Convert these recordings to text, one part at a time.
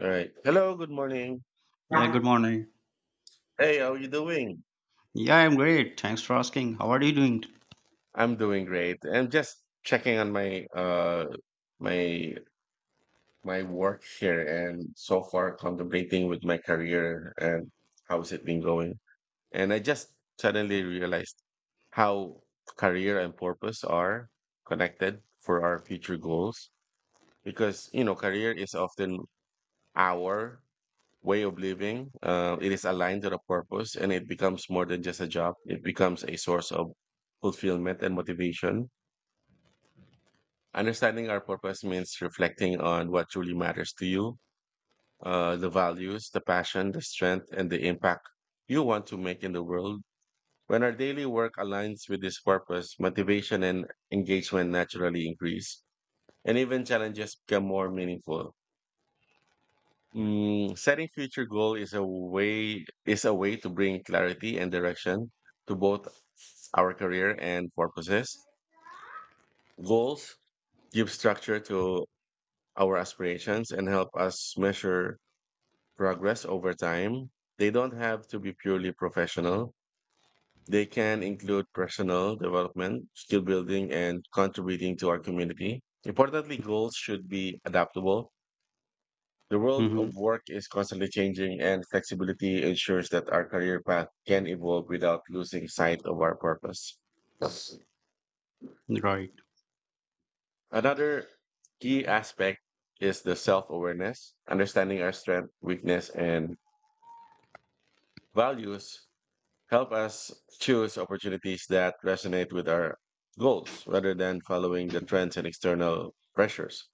All right. Hello, good morning. Yeah, good morning. Hey, how you doing? Yeah, I'm great. Thanks for asking. How are you doing? I'm doing great. I'm just checking on my my my work here and so far contemplating with my career and how's it been going. And I just suddenly realized how career and purpose are connected for our future goals because you know career is often our way of living. It is aligned to the purpose and it becomes more than just a job. It becomes a source of fulfillment and motivation. Understanding our purpose means reflecting on what truly matters to you, the values, the passion, the strength, and the impact you want to make in the world. When our daily work aligns with this purpose, motivation and engagement naturally increase, and even challenges become more meaningful. Setting future goal is a way to bring clarity and direction to both our career and purposes. Goals give structure to our aspirations and help us measure progress over time. They don't have to be purely professional. They can include personal development, skill building, and contributing to our community. Importantly, goals should be adaptable. The world Mm-hmm. of work is constantly changing, and flexibility ensures that our career path can evolve without losing sight of our purpose. Yes. Right. Another key aspect is the self awareness. Understanding our strength, weakness, and values help us choose opportunities that resonate with our goals rather than following the trends and external pressures.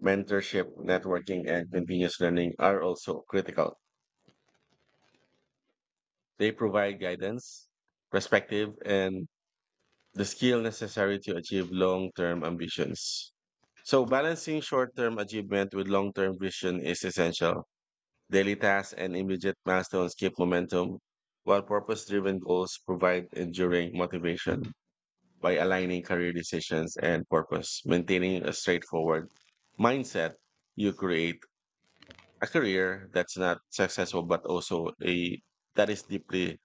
Mentorship, networking, and continuous learning are also critical. They provide guidance, perspective, and the skill necessary to achieve long term ambitions. So, balancing short term achievement with long term vision is essential. Daily tasks and immediate milestones keep momentum, while purpose driven goals provide enduring motivation by aligning career decisions and purpose. Maintaining a straightforward mindset, you create a career that's not successful, but also a that is deeply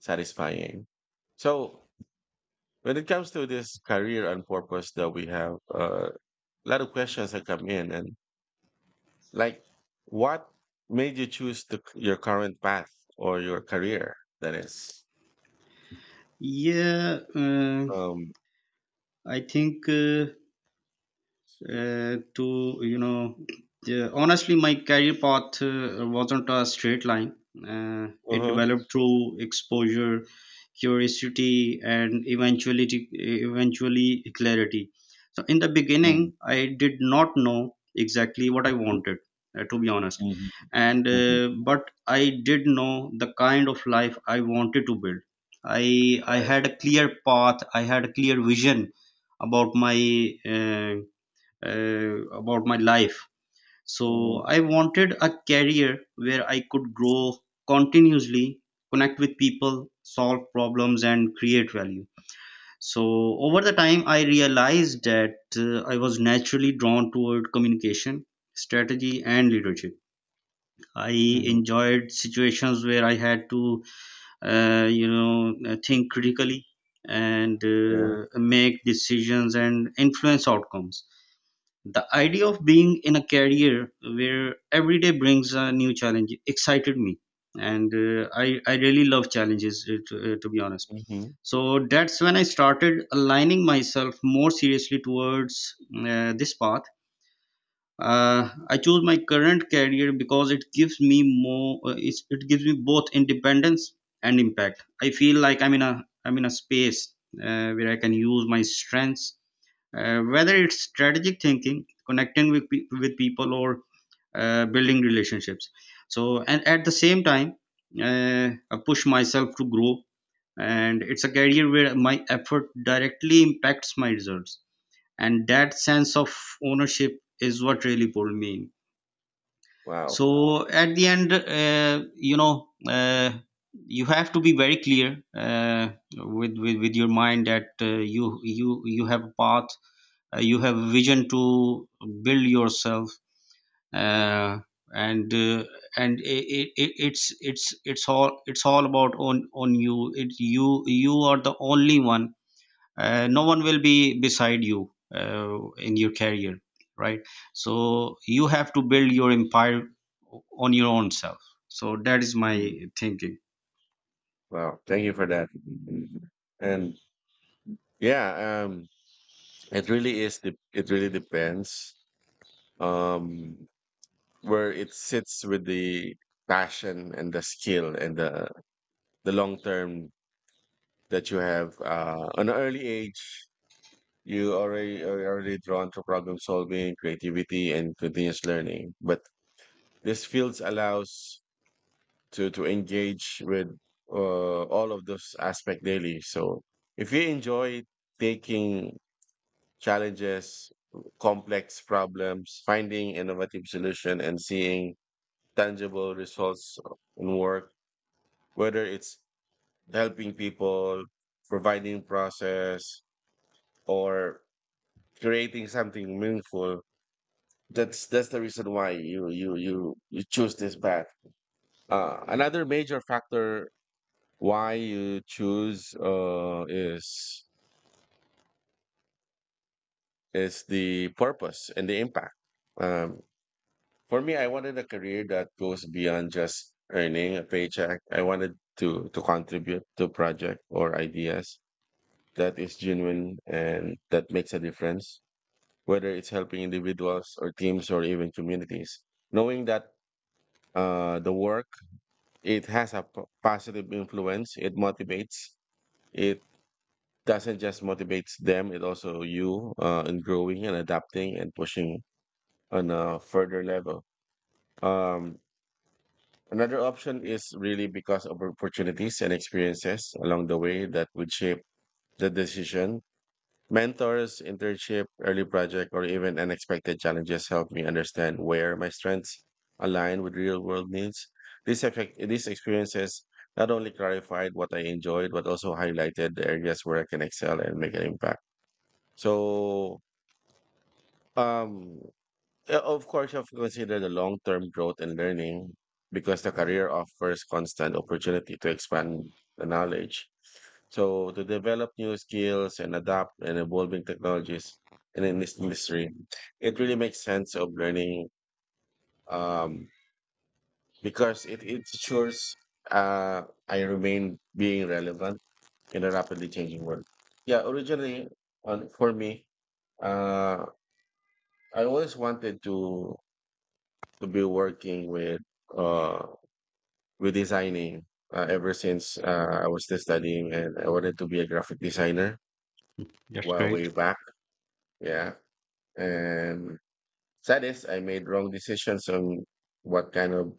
satisfying. So when it comes to this career and purpose that we have, a lot of questions that come in and like, what made you choose the, your current path or your career? That is, Yeah, um, I think, to you know yeah, honestly my career path, wasn't a straight line. It uh-huh. developed through exposure, curiosity, and eventually clarity. So in the beginning, Mm, I did not know exactly what I wanted, to be honest. mhm, And, mhm. But I did know the kind of life I wanted to build. I Right. had a clear path. I had a clear vision about my, uh, life. So Mhm, I wanted a career where I could grow continuously, connect with people, solve problems, and create value. So over the time, I realized that, I was naturally drawn toward communication, strategy, and leadership. I mhm. enjoyed situations where I had to, think critically, and Yeah. Make decisions and influence outcomes. The idea of being in a career where every day brings a new challenge excited me, and I really love challenges, to be honest. Mhm. So that's when I started aligning myself more seriously towards, this path. I chose my current career because it gives me more. It gives me both independence and impact. I feel like I'm in a space, where I can use my strengths, whether it's strategic thinking, connecting with people, or building relationships. So, and at the same time, I push myself to grow, and it's a career where my effort directly impacts my results, and that sense of ownership is what really pulled me in. Wow. So at the end, you have to be very clear, with your mind that, you have a path, you have vision to build yourself, uh, and uh, and i- i- it's it's it's all, about on you, it you you are the only one, no one will be beside you, uh, in your career, right? So you have to build your empire on your own self. So that is my Mhm. thinking. Wow. Thank you for that. Mm-hmm. And yeah, it really is. De- it really depends. Um, where it sits with the passion and the skill and the long term that you have on an early age you already are already drawn to problem solving creativity and continuous learning but this fields allows to engage with all of those aspect daily so if you enjoy taking challenges complex problems finding innovative solution and seeing tangible results in work whether it's helping people, providing process, or creating something meaningful. That's the reason why you choose this path. Another major factor why you choose is the purpose and the impact. Um, for me, I wanted a career that goes beyond just earning a paycheck. I wanted to contribute to project or ideas that is genuine and that makes a difference, whether it's helping individuals or teams or even communities. Knowing that the work it has a positive influence, it motivates. It doesn't just motivates them; it also you in growing and adapting and pushing on a further level. Um, Another option is really because of opportunities and experiences along the way that would shape the decision. Mentors, internship, early project, or even unexpected challenges help me understand where my strengths align with real world needs. These, effect, these experiences not only clarified what I enjoyed, but also highlighted the areas where I can excel and make an impact. So, um, of course, you have to consider the long term growth and learning because the career offers constant opportunity to expand the knowledge. So, to develop new skills and adapt and evolving technologies and in this industry, it really makes sense of learning um, because it ensures uh, I remain being relevant in a rapidly changing world. Yeah, originally, on, for me, uh, I always wanted to be working uh with designing ever since I was still studying and I wanted to be a graphic designer while way back. Yeah. And sad is I made wrong decisions on what kind of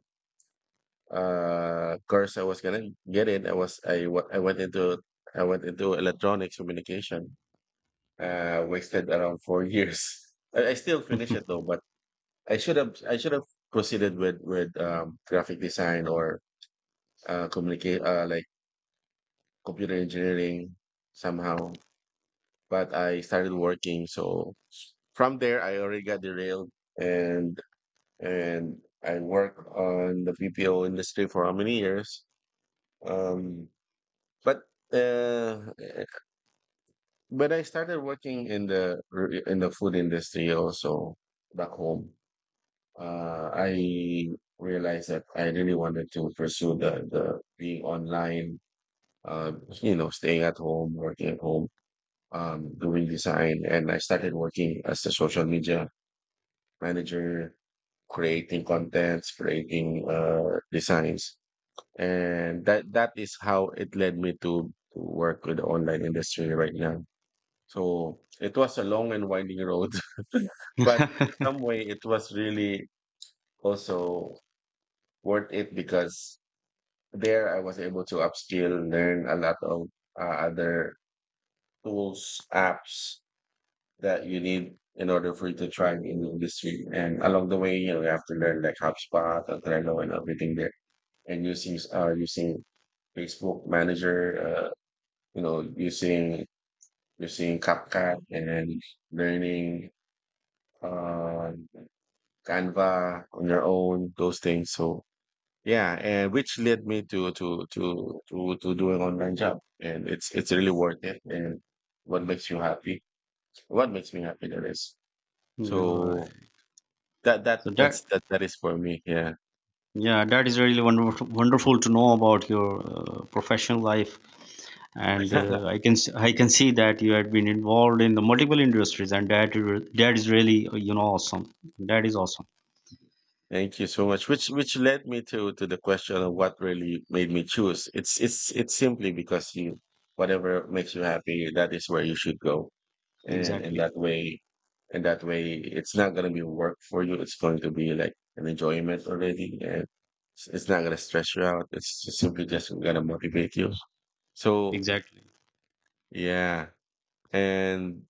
course I was gonna get in. I was I went into electronics communication. Wasted around 4 years. I still finished it though, but I should have proceeded with graphic design or communicate like computer engineering somehow. But I started working, so from there I already got derailed and and I worked on the BPO industry for how many years. Um, but uh, but I started working in the food industry also back home. I realized that I really wanted to pursue the being online, uh, you know, staying at home, working at home, doing design, and I started working as a social media manager, creating contents, creating designs, and that is how it led me to work with the online industry right now. So it was a long and winding road, but some way it was really also worth it because there I was able to upskill, learn a lot of other tools, apps, that you need in order for you to thrive in the industry. And along the way, you know, you have to learn like HubSpot, and Trello, and everything there. And using Facebook Manager, you know, using CapCut and then learning uh, Canva on your own, those things. So yeah, and which led me to to do an online job, and it's really worth it. And what makes you happy? What makes me happy? That is You're so. right. That that So that, that's that That is for me, yeah. yeah, that is really wonderful, wonderful to know about your, professional life, and, I can see that you had been involved in the multiple industries, and that is really, awesome. That is awesome. Thank you so much. Which led me to the question of what really made me choose. It's simply because you whatever makes you happy, that is where you should go. And Exactly. that way it's not gonna be work for you. It's going to be like an enjoyment already, and it's not gonna stress you out. It's just simply just gonna motivate you. So Exactly. yeah. And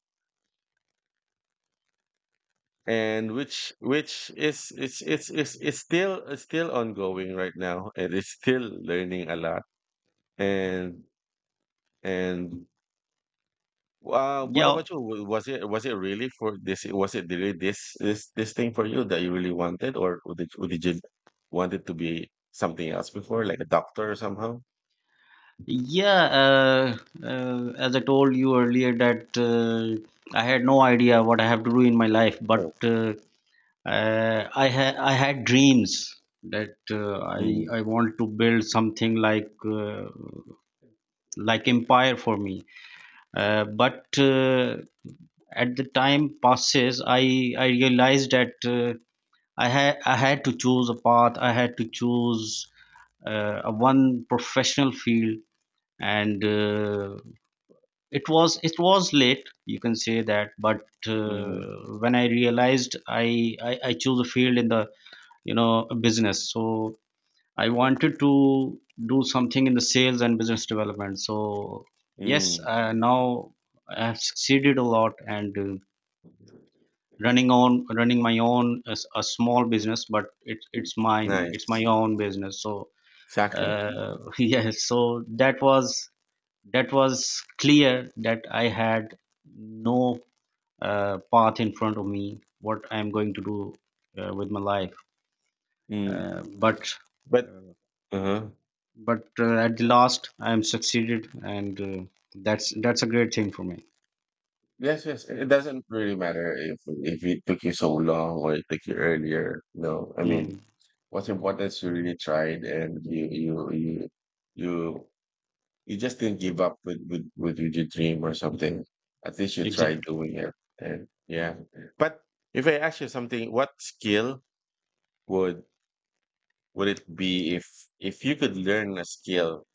which is it's still ongoing right now and it's still learning a lot and and what Yeah, about you? Was it really for this, was it really this thing for you that you really wanted or did you want it to be something else before like a doctor or somehow? yeah. As I told you earlier that, I had no idea what I have to do in my life, but, Oh. I had dreams that, i Mm, i want to build something like empire for me, but at the time passes, I realized that, I had to choose a path. I had to choose, a one professional field, and, it was late. You can say that, but, mm, when I realized, I choose a field in the, business, so I wanted to do something in the sales and business development. So yes, mm, now I have succeeded a lot, and. Running my own a small business, but it's mine, it's my nice, own business. So exactly. Yes, so that was clear that I had no, path in front of me, what I'm going to do, with my life, Mm. uh, but But uh, uh-huh. but at the last I'm succeeded, and, that's a great thing for me. Yes, yes. It doesn't really matter if it took you so long or it took you earlier. No, I mean, Mm. what's important is you really tried and you you just didn't give up with with your dream or something. At least you tried Exactly. doing it. And yeah. But if I ask you something, what skill would it be if you could learn a skill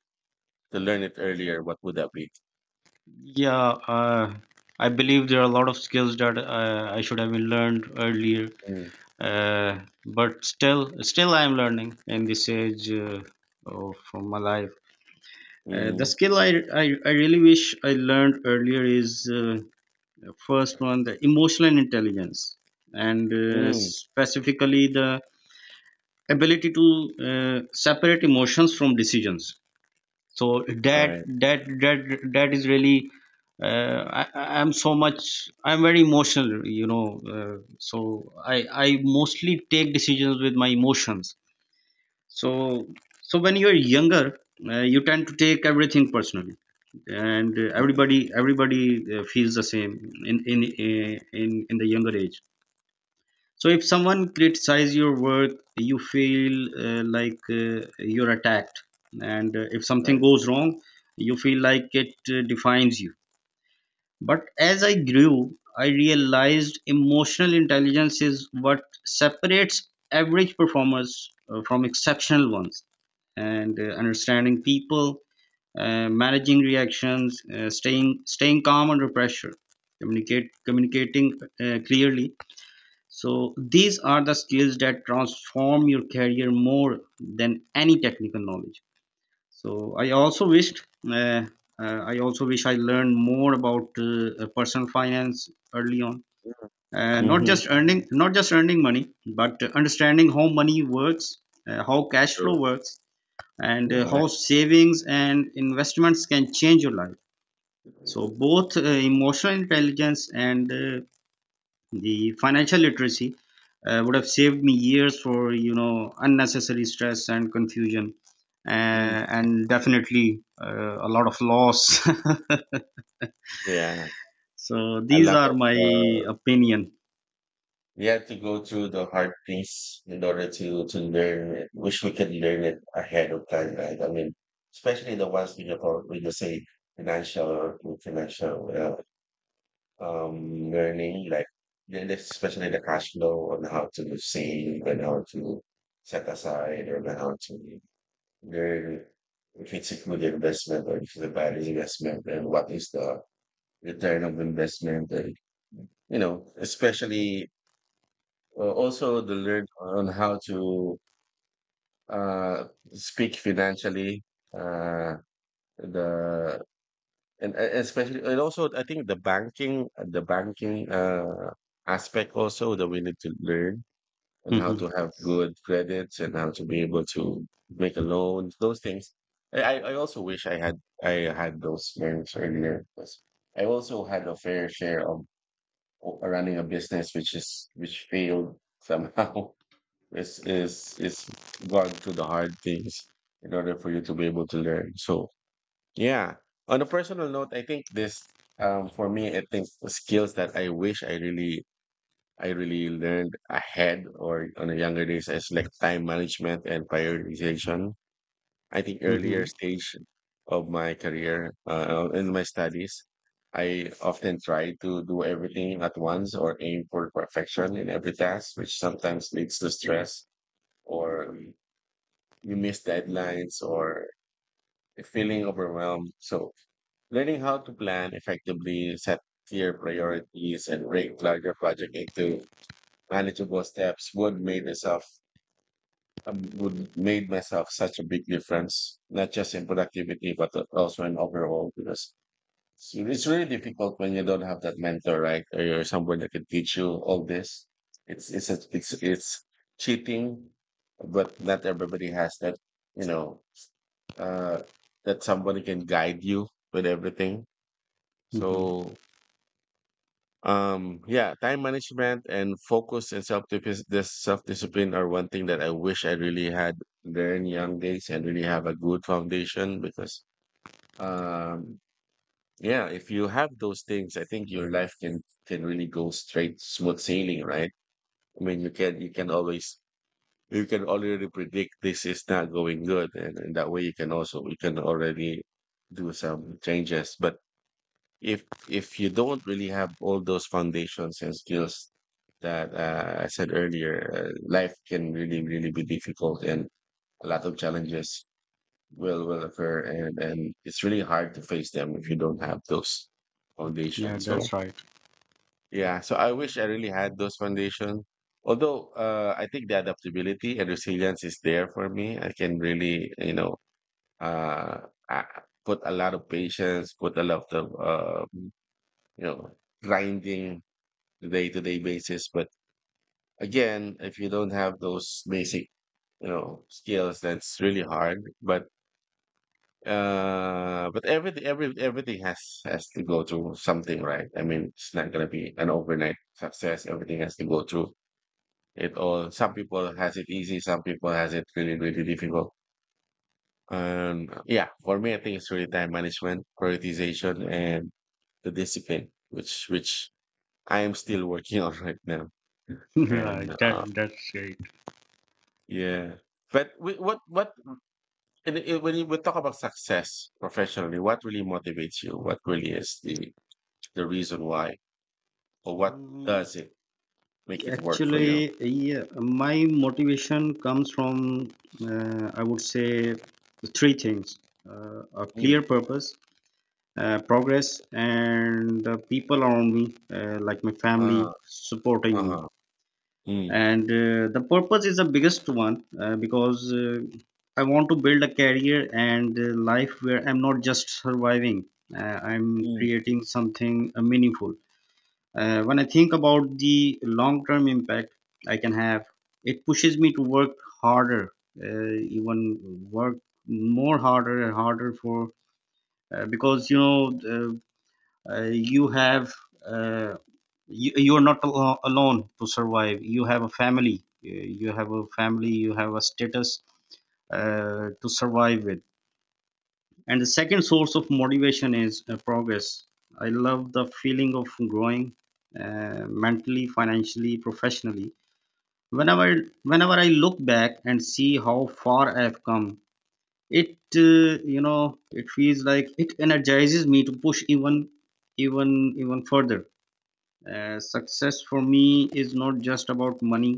to learn it earlier? What would that be? Yeah, uh, I believe there are a lot of skills that, I should have been learned earlier, Mm, uh, but still I am learning in this age, of my life. The mm, skill I really wish I learned earlier is, first one the emotional intelligence, and, mm, specifically the ability to, separate emotions from decisions. So that right, that that that is really, I'm so much, I'm very emotional, you know, so I mostly take decisions with my emotions. So when you're younger, you tend to take everything personally, and, mm, everybody, feels the same in in uh, in the younger age. So if someone criticizes your work, you feel, like, you're attacked, and, if something right. goes wrong, you feel like it, defines you. But as I grew, I realized emotional intelligence is what separates average performers, from exceptional ones, and, understanding people, managing reactions, staying calm under pressure, communicate communicating, clearly, so these are the skills that transform your career more than any technical knowledge. So uh, I also wish I learned more about, personal finance early on. Mm-hmm. Not just earning money, but understanding how money works, how cash flow works, and, Yeah. how savings and investments can change your life. So both, emotional intelligence and, the financial literacy, would have saved me years for, unnecessary stress and confusion, Mm, uh, and definitely, a lot of loss. yeah, So a these lot are of my opinion. we have to go through the hard things in order to learn it. Wish we could learn it ahead of time, right? I mean, especially the ones we have we just say financial or financial learning, like then there's especially the cash flow on how to save and how to set aside or how to learn if it's a good investment or if it's a bad investment and what is the return of investment and you know, especially also the learn on how to uh, speak financially. Uh, the And especially and also I think the banking aspect also that we need to learn and how Mhm. to have good credits and how to be able to make a loan those things. I also wish I had those learned earlier because I also had a fair share of running a business which is which failed somehow. Is Gone through the hard things in order for you to be able to learn. So yeah. On a personal note, I think this for me I think the skills that I wish I really learned ahead or on the younger days is like time management and prioritization. I think earlier Mhm. stage of my career in my studies, I often try to do everything at once or aim for perfection in every task, which sometimes leads to stress or you miss deadlines or feeling overwhelmed. So learning how to plan effectively, set clear priorities, and break larger project into manageable steps would make myself would made myself such a big difference, not just in productivity, but also in overall. Because it's really difficult when you don't have that mentor, right? Or you're someone that can teach you all this. It's a, it's it's cheating, but not everybody has that. You know, uh, that somebody can guide you with everything. Mhm. So yeah, time management and focus and self discipline are one thing that I wish I really had there in young days and really have a good foundation because um yeah, if you have those things, I think your life can really go straight smooth sailing, right? I mean, you can always you can already predict this is not going good, and that way you can also you can already do some changes. But if you don't really have all those foundations and skills that I said earlier, life can really really be difficult, and a lot of challenges will occur, and it's really hard to face them if you don't have those Yeah, foundations. So that's right. yeah, so I wish I really had those foundations. Although I think the adaptability and resilience is there for me, I can really uh, put a lot of patience, put a lot of you know grinding the day-to-day basis but again if you don't have those basic skills that's really hard but everything everything has to go through something, right? I mean, it's not going to be an overnight success. Everything has to go through it all. Some people has it easy, some people has it really really difficult. Yeah, for me I think it's really time management, prioritization, and the discipline, which I am still working on right now. And Right, that's right. yeah, but what and it, we talk about success professionally, what really motivates you? What really is the reason why, or what Mm. does it make it work for Actually, you? yeah, my motivation comes from, I would say three things: a Mm. clear purpose, progress, and the people around me, like my family Uh, supporting me. uh-huh. Mm. And, the purpose is the biggest one, because, I want to build a career and, life where I'm not just surviving, I'm Mm. creating something, meaningful. When I think about the long term impact I can have, it pushes me to work harder, uh, even work more harder and harder for, because, uh, you have, uh, you are not alone to survive. You have a family, you have a family, you have a status, to survive with. And the second source of motivation is, progress. I love the feeling of growing, mentally, financially, professionally. whenever Whenever I look back and see how far I've come, it you know it feels like it energizes me to push even even further. Success for me is not just about money.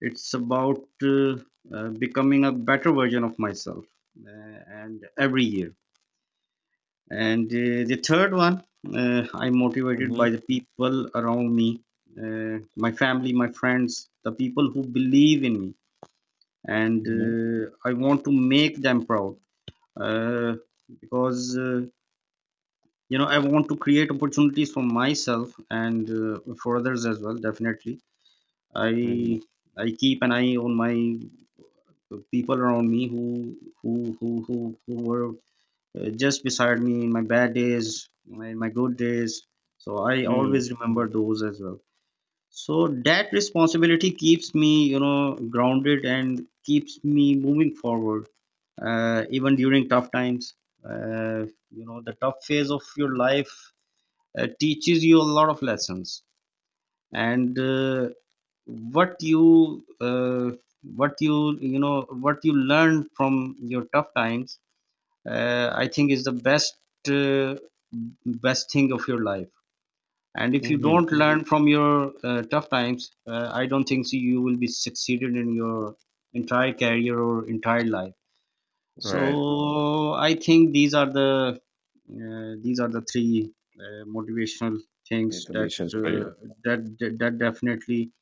It's about, becoming a better version of myself, and every year. And, the third one, I'm motivated Mm-hmm. by the people around me, my family, my friends, the people who believe in me, and, Mm-hmm. I want to make them proud, uh, because, I want to create opportunities for myself and, for others as well, definitely. I Mm-hmm. I keep an eye on my people around me, who were, just beside me in my bad days, my good days. So I Mm. always remember those as well. So that responsibility keeps me, grounded and keeps me moving forward, even during tough times. The tough phase of your life, teaches you a lot of lessons, and, what you uh, what you learn from your tough times, I think is the best, uh, best thing of your life, and if you Mm-hmm. don't, mhm, learn from your, tough times, I don't think so you will be succeeded in your entire career or entire life. So Right. I think these are the three, motivational things that, Motivations for you. That that definitely,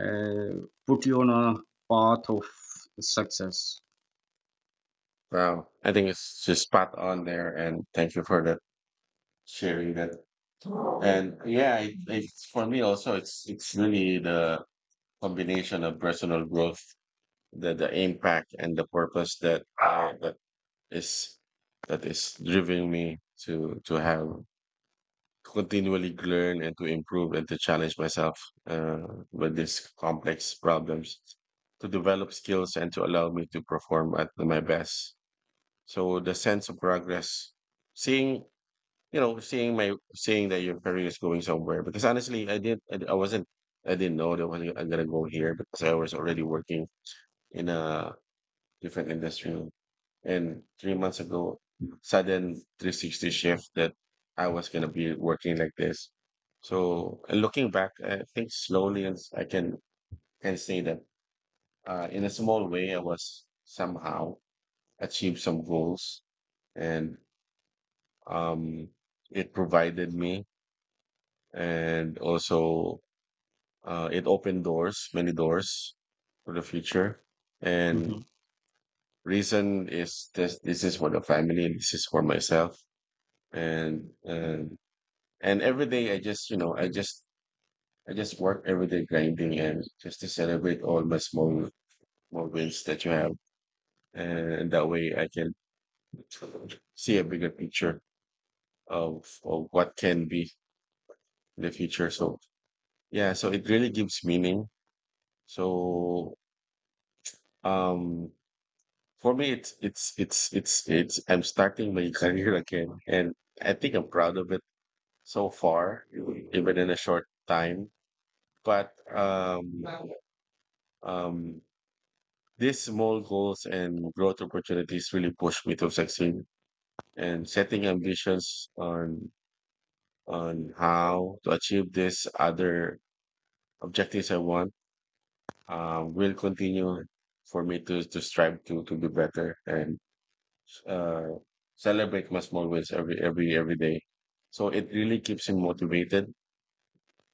uh, put you on a path of success. Wow. I think it's just spot on there. And thank you for that sharing that. And yeah, it, it's for me also. It's really the combination of personal growth, the impact and the purpose that is that is driving me to have continually learn and to improve and to challenge myself uh, with these complex problems, to develop skills and to allow me to perform at my best. So the sense of progress, seeing you know, seeing my seeing that your career is going somewhere. Because honestly, I wasn't, I didn't know that was, I'm gonna go here because I was already working in a different industry. And 3 months ago, sudden 360 shift that I was gonna be working like this. So and looking back, I think slowly and I can say that in a small way, I was somehow achieved some goals and um, it provided me and also uh, it opened doors, many doors for the future. Mhm. And reason is this: this is for the family, and this is for myself. And and and every day, I just I just work every day grinding and just to celebrate all my small wins that you have, and that way I can see a bigger picture of what can be in the future. So yeah, so it really gives meaning. So um for me, it's I'm starting my career again, and I think I'm proud of it so far, even in a short time. But um, these small goals and growth opportunities really push me to succeed. And setting ambitions on how to achieve these other objectives I want will continue for me to strive to be better and uh, celebrate my small wins every day. So it really keeps him motivated.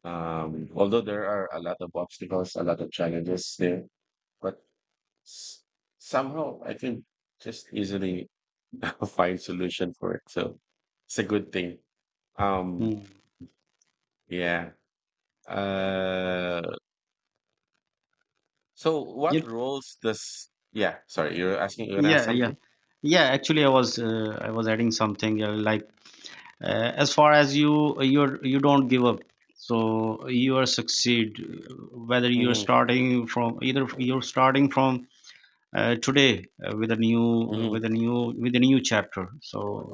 Although there are a lot of obstacles, a lot of challenges there, but s- somehow I can just easily find solution for it. So it's a good thing. Um, Mm. yeah. Uh, so what Yep. roles does? Yeah, sorry, you're asking. You're gonna ask Yeah, yeah, something? yeah. Actually, I was adding something, as far as you don't give up, so you are succeed. Whether you're Mm-hmm. starting from, today, Mm-hmm. With a new chapter. So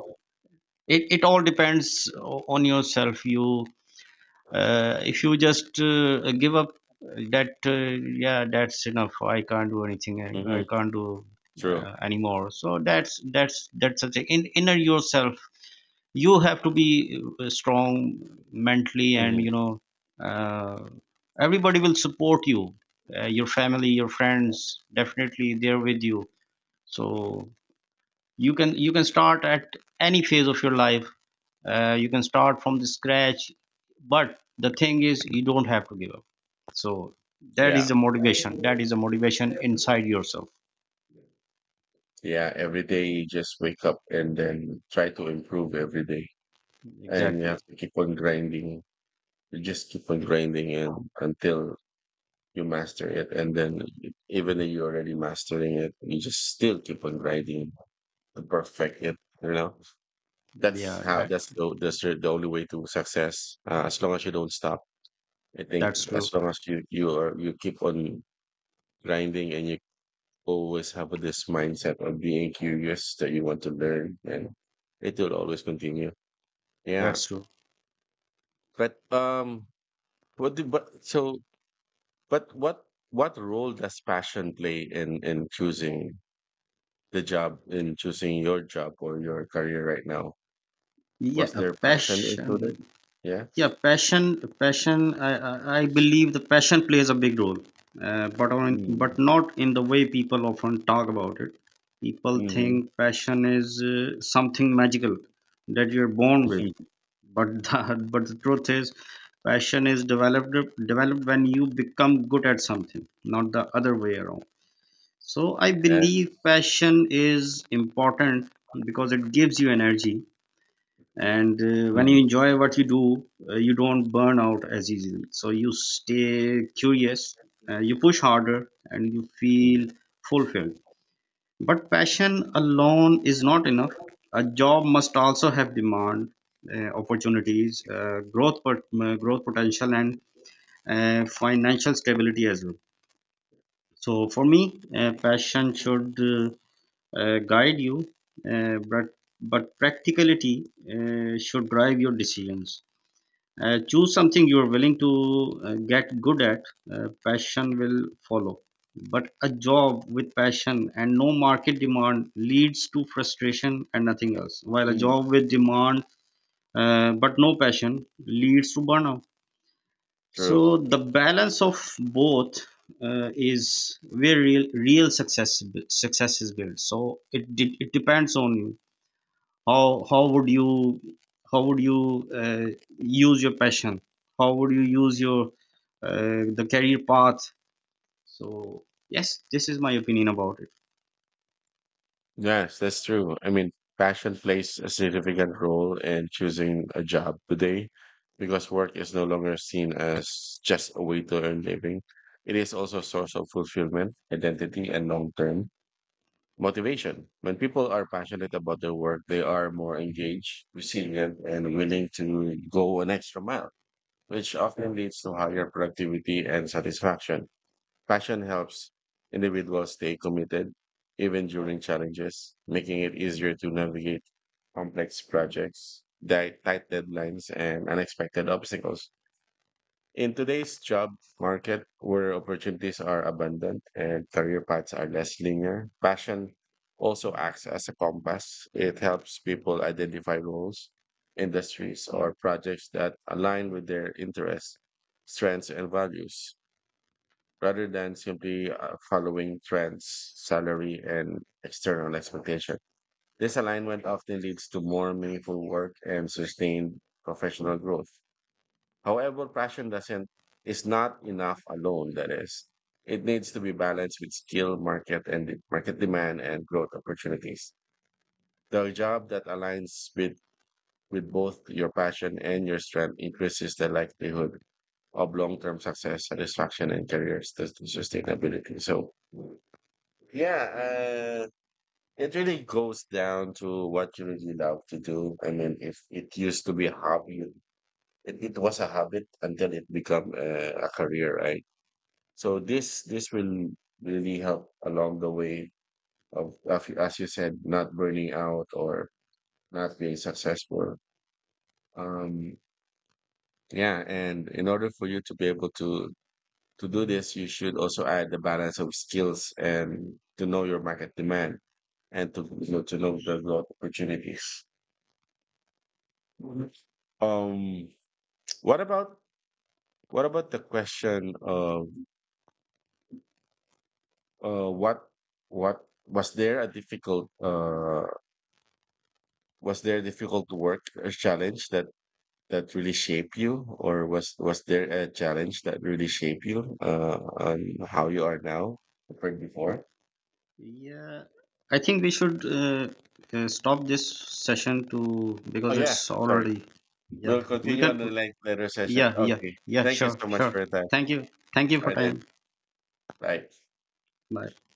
it all depends on yourself. You If you just, give up that, yeah, that's enough, I can't do anything, I Mm-hmm. can't do, True. Anymore, so that's such a in inner yourself. You have to be, strong mentally, and, Mm-hmm. Uh, everybody will support you, your family, your friends, definitely they're with you. So you can start at any phase of your life, you can start from the scratch, but the thing is you don't have to give up. So that is Yeah. the motivation, inside yourself. Yeah, every day you just wake up and then try to improve every day. And you Exactly. have to keep on grinding. You just keep on grinding and until you master it. And then even though you're already mastering it, you just still keep on grinding to perfect it. You know, that's Yeah, how that's the only way to success. As long as you don't stop, I think that's as true. long as you are you keep on grinding and you always have this mindset of being curious that you want to learn and it will always continue. Yeah. That's true. But what do but so but what role does passion play in choosing the job in choosing your job or your career right now? Yeah, Was a there passion passion. included? Yeah. Yeah, passion. I believe the passion plays a big role, but on Mm-hmm. but not in the way people often talk about it. People Mm-hmm. think passion is, something magical that you're born with, but the truth is, passion is developed, when you become good at something, not the other way around. So I Yes. believe passion is important because it gives you energy, and, when you Mm. enjoy what you do, you don't burn out as easily. So you stay Yes. curious, you push harder, and you Mm. feel fulfilled, but passion alone is not enough. A job must also have demand, opportunities, growth, growth potential, and, financial stability as well. So for me, passion should, guide you, but practicality, should drive your decisions. Choose something you are willing to, get good at. Passion will follow. But a job with passion and no market demand leads to frustration and nothing else. While a Mm. job with demand, but no passion, leads to burnout. True. So the balance of both, is where real, real success is built. So it depends on you, how, how would you, use your passion, how would you use your, the career path. So yes, this is my opinion about it. Yes, that's true. I mean, passion plays a significant role in choosing a job today because work is no longer seen as just a way to earn living. It is also a source of fulfillment, identity, and long-term motivation. When people are passionate about their work, they are more engaged, resilient, and willing to go an extra mile, which often leads to higher productivity and satisfaction. Passion helps individuals stay committed even during challenges, making it easier to navigate complex projects, tight deadlines, and unexpected obstacles. In today's job market, where opportunities are abundant and career paths are less linear, passion also acts as a compass. It helps people identify roles, industries, or projects that align with their interests, strengths, and values rather than simply following trends, salary, and external expectation. This alignment often leads to more meaningful work and sustained professional growth. However, passion doesn't is not enough alone. That is, it needs to be balanced with skill, market, and de- market demand and growth opportunities. The job that aligns with both your passion and your strength increases the likelihood of long-term success, satisfaction, and career sustainability. So, yeah, it really goes down to what you really love to do. I mean, if it used to be a hobby, it was a habit until it become a career, right? So this will really help along the way of as you said, not burning out or not being successful. Um, yeah, and in order for you to be able to do this, you should also add the balance of skills and to know your market demand and to you know, to know the growth opportunities. Mhm. Um, what about what about the question of uh, what what was there a difficult was there a difficult work or challenge that really shaped you, or was there a challenge that really shaped you on how you are now from before? Yeah, I think we should, stop this session to, Oh because yeah, it's sorry. already. Yeah, We'll we continue can. on the like later session. Yeah, yeah. Okay. Yeah, Thank you sure, so much sure. for your time. Thank you. Thank you All for right then. time. Bye. Bye.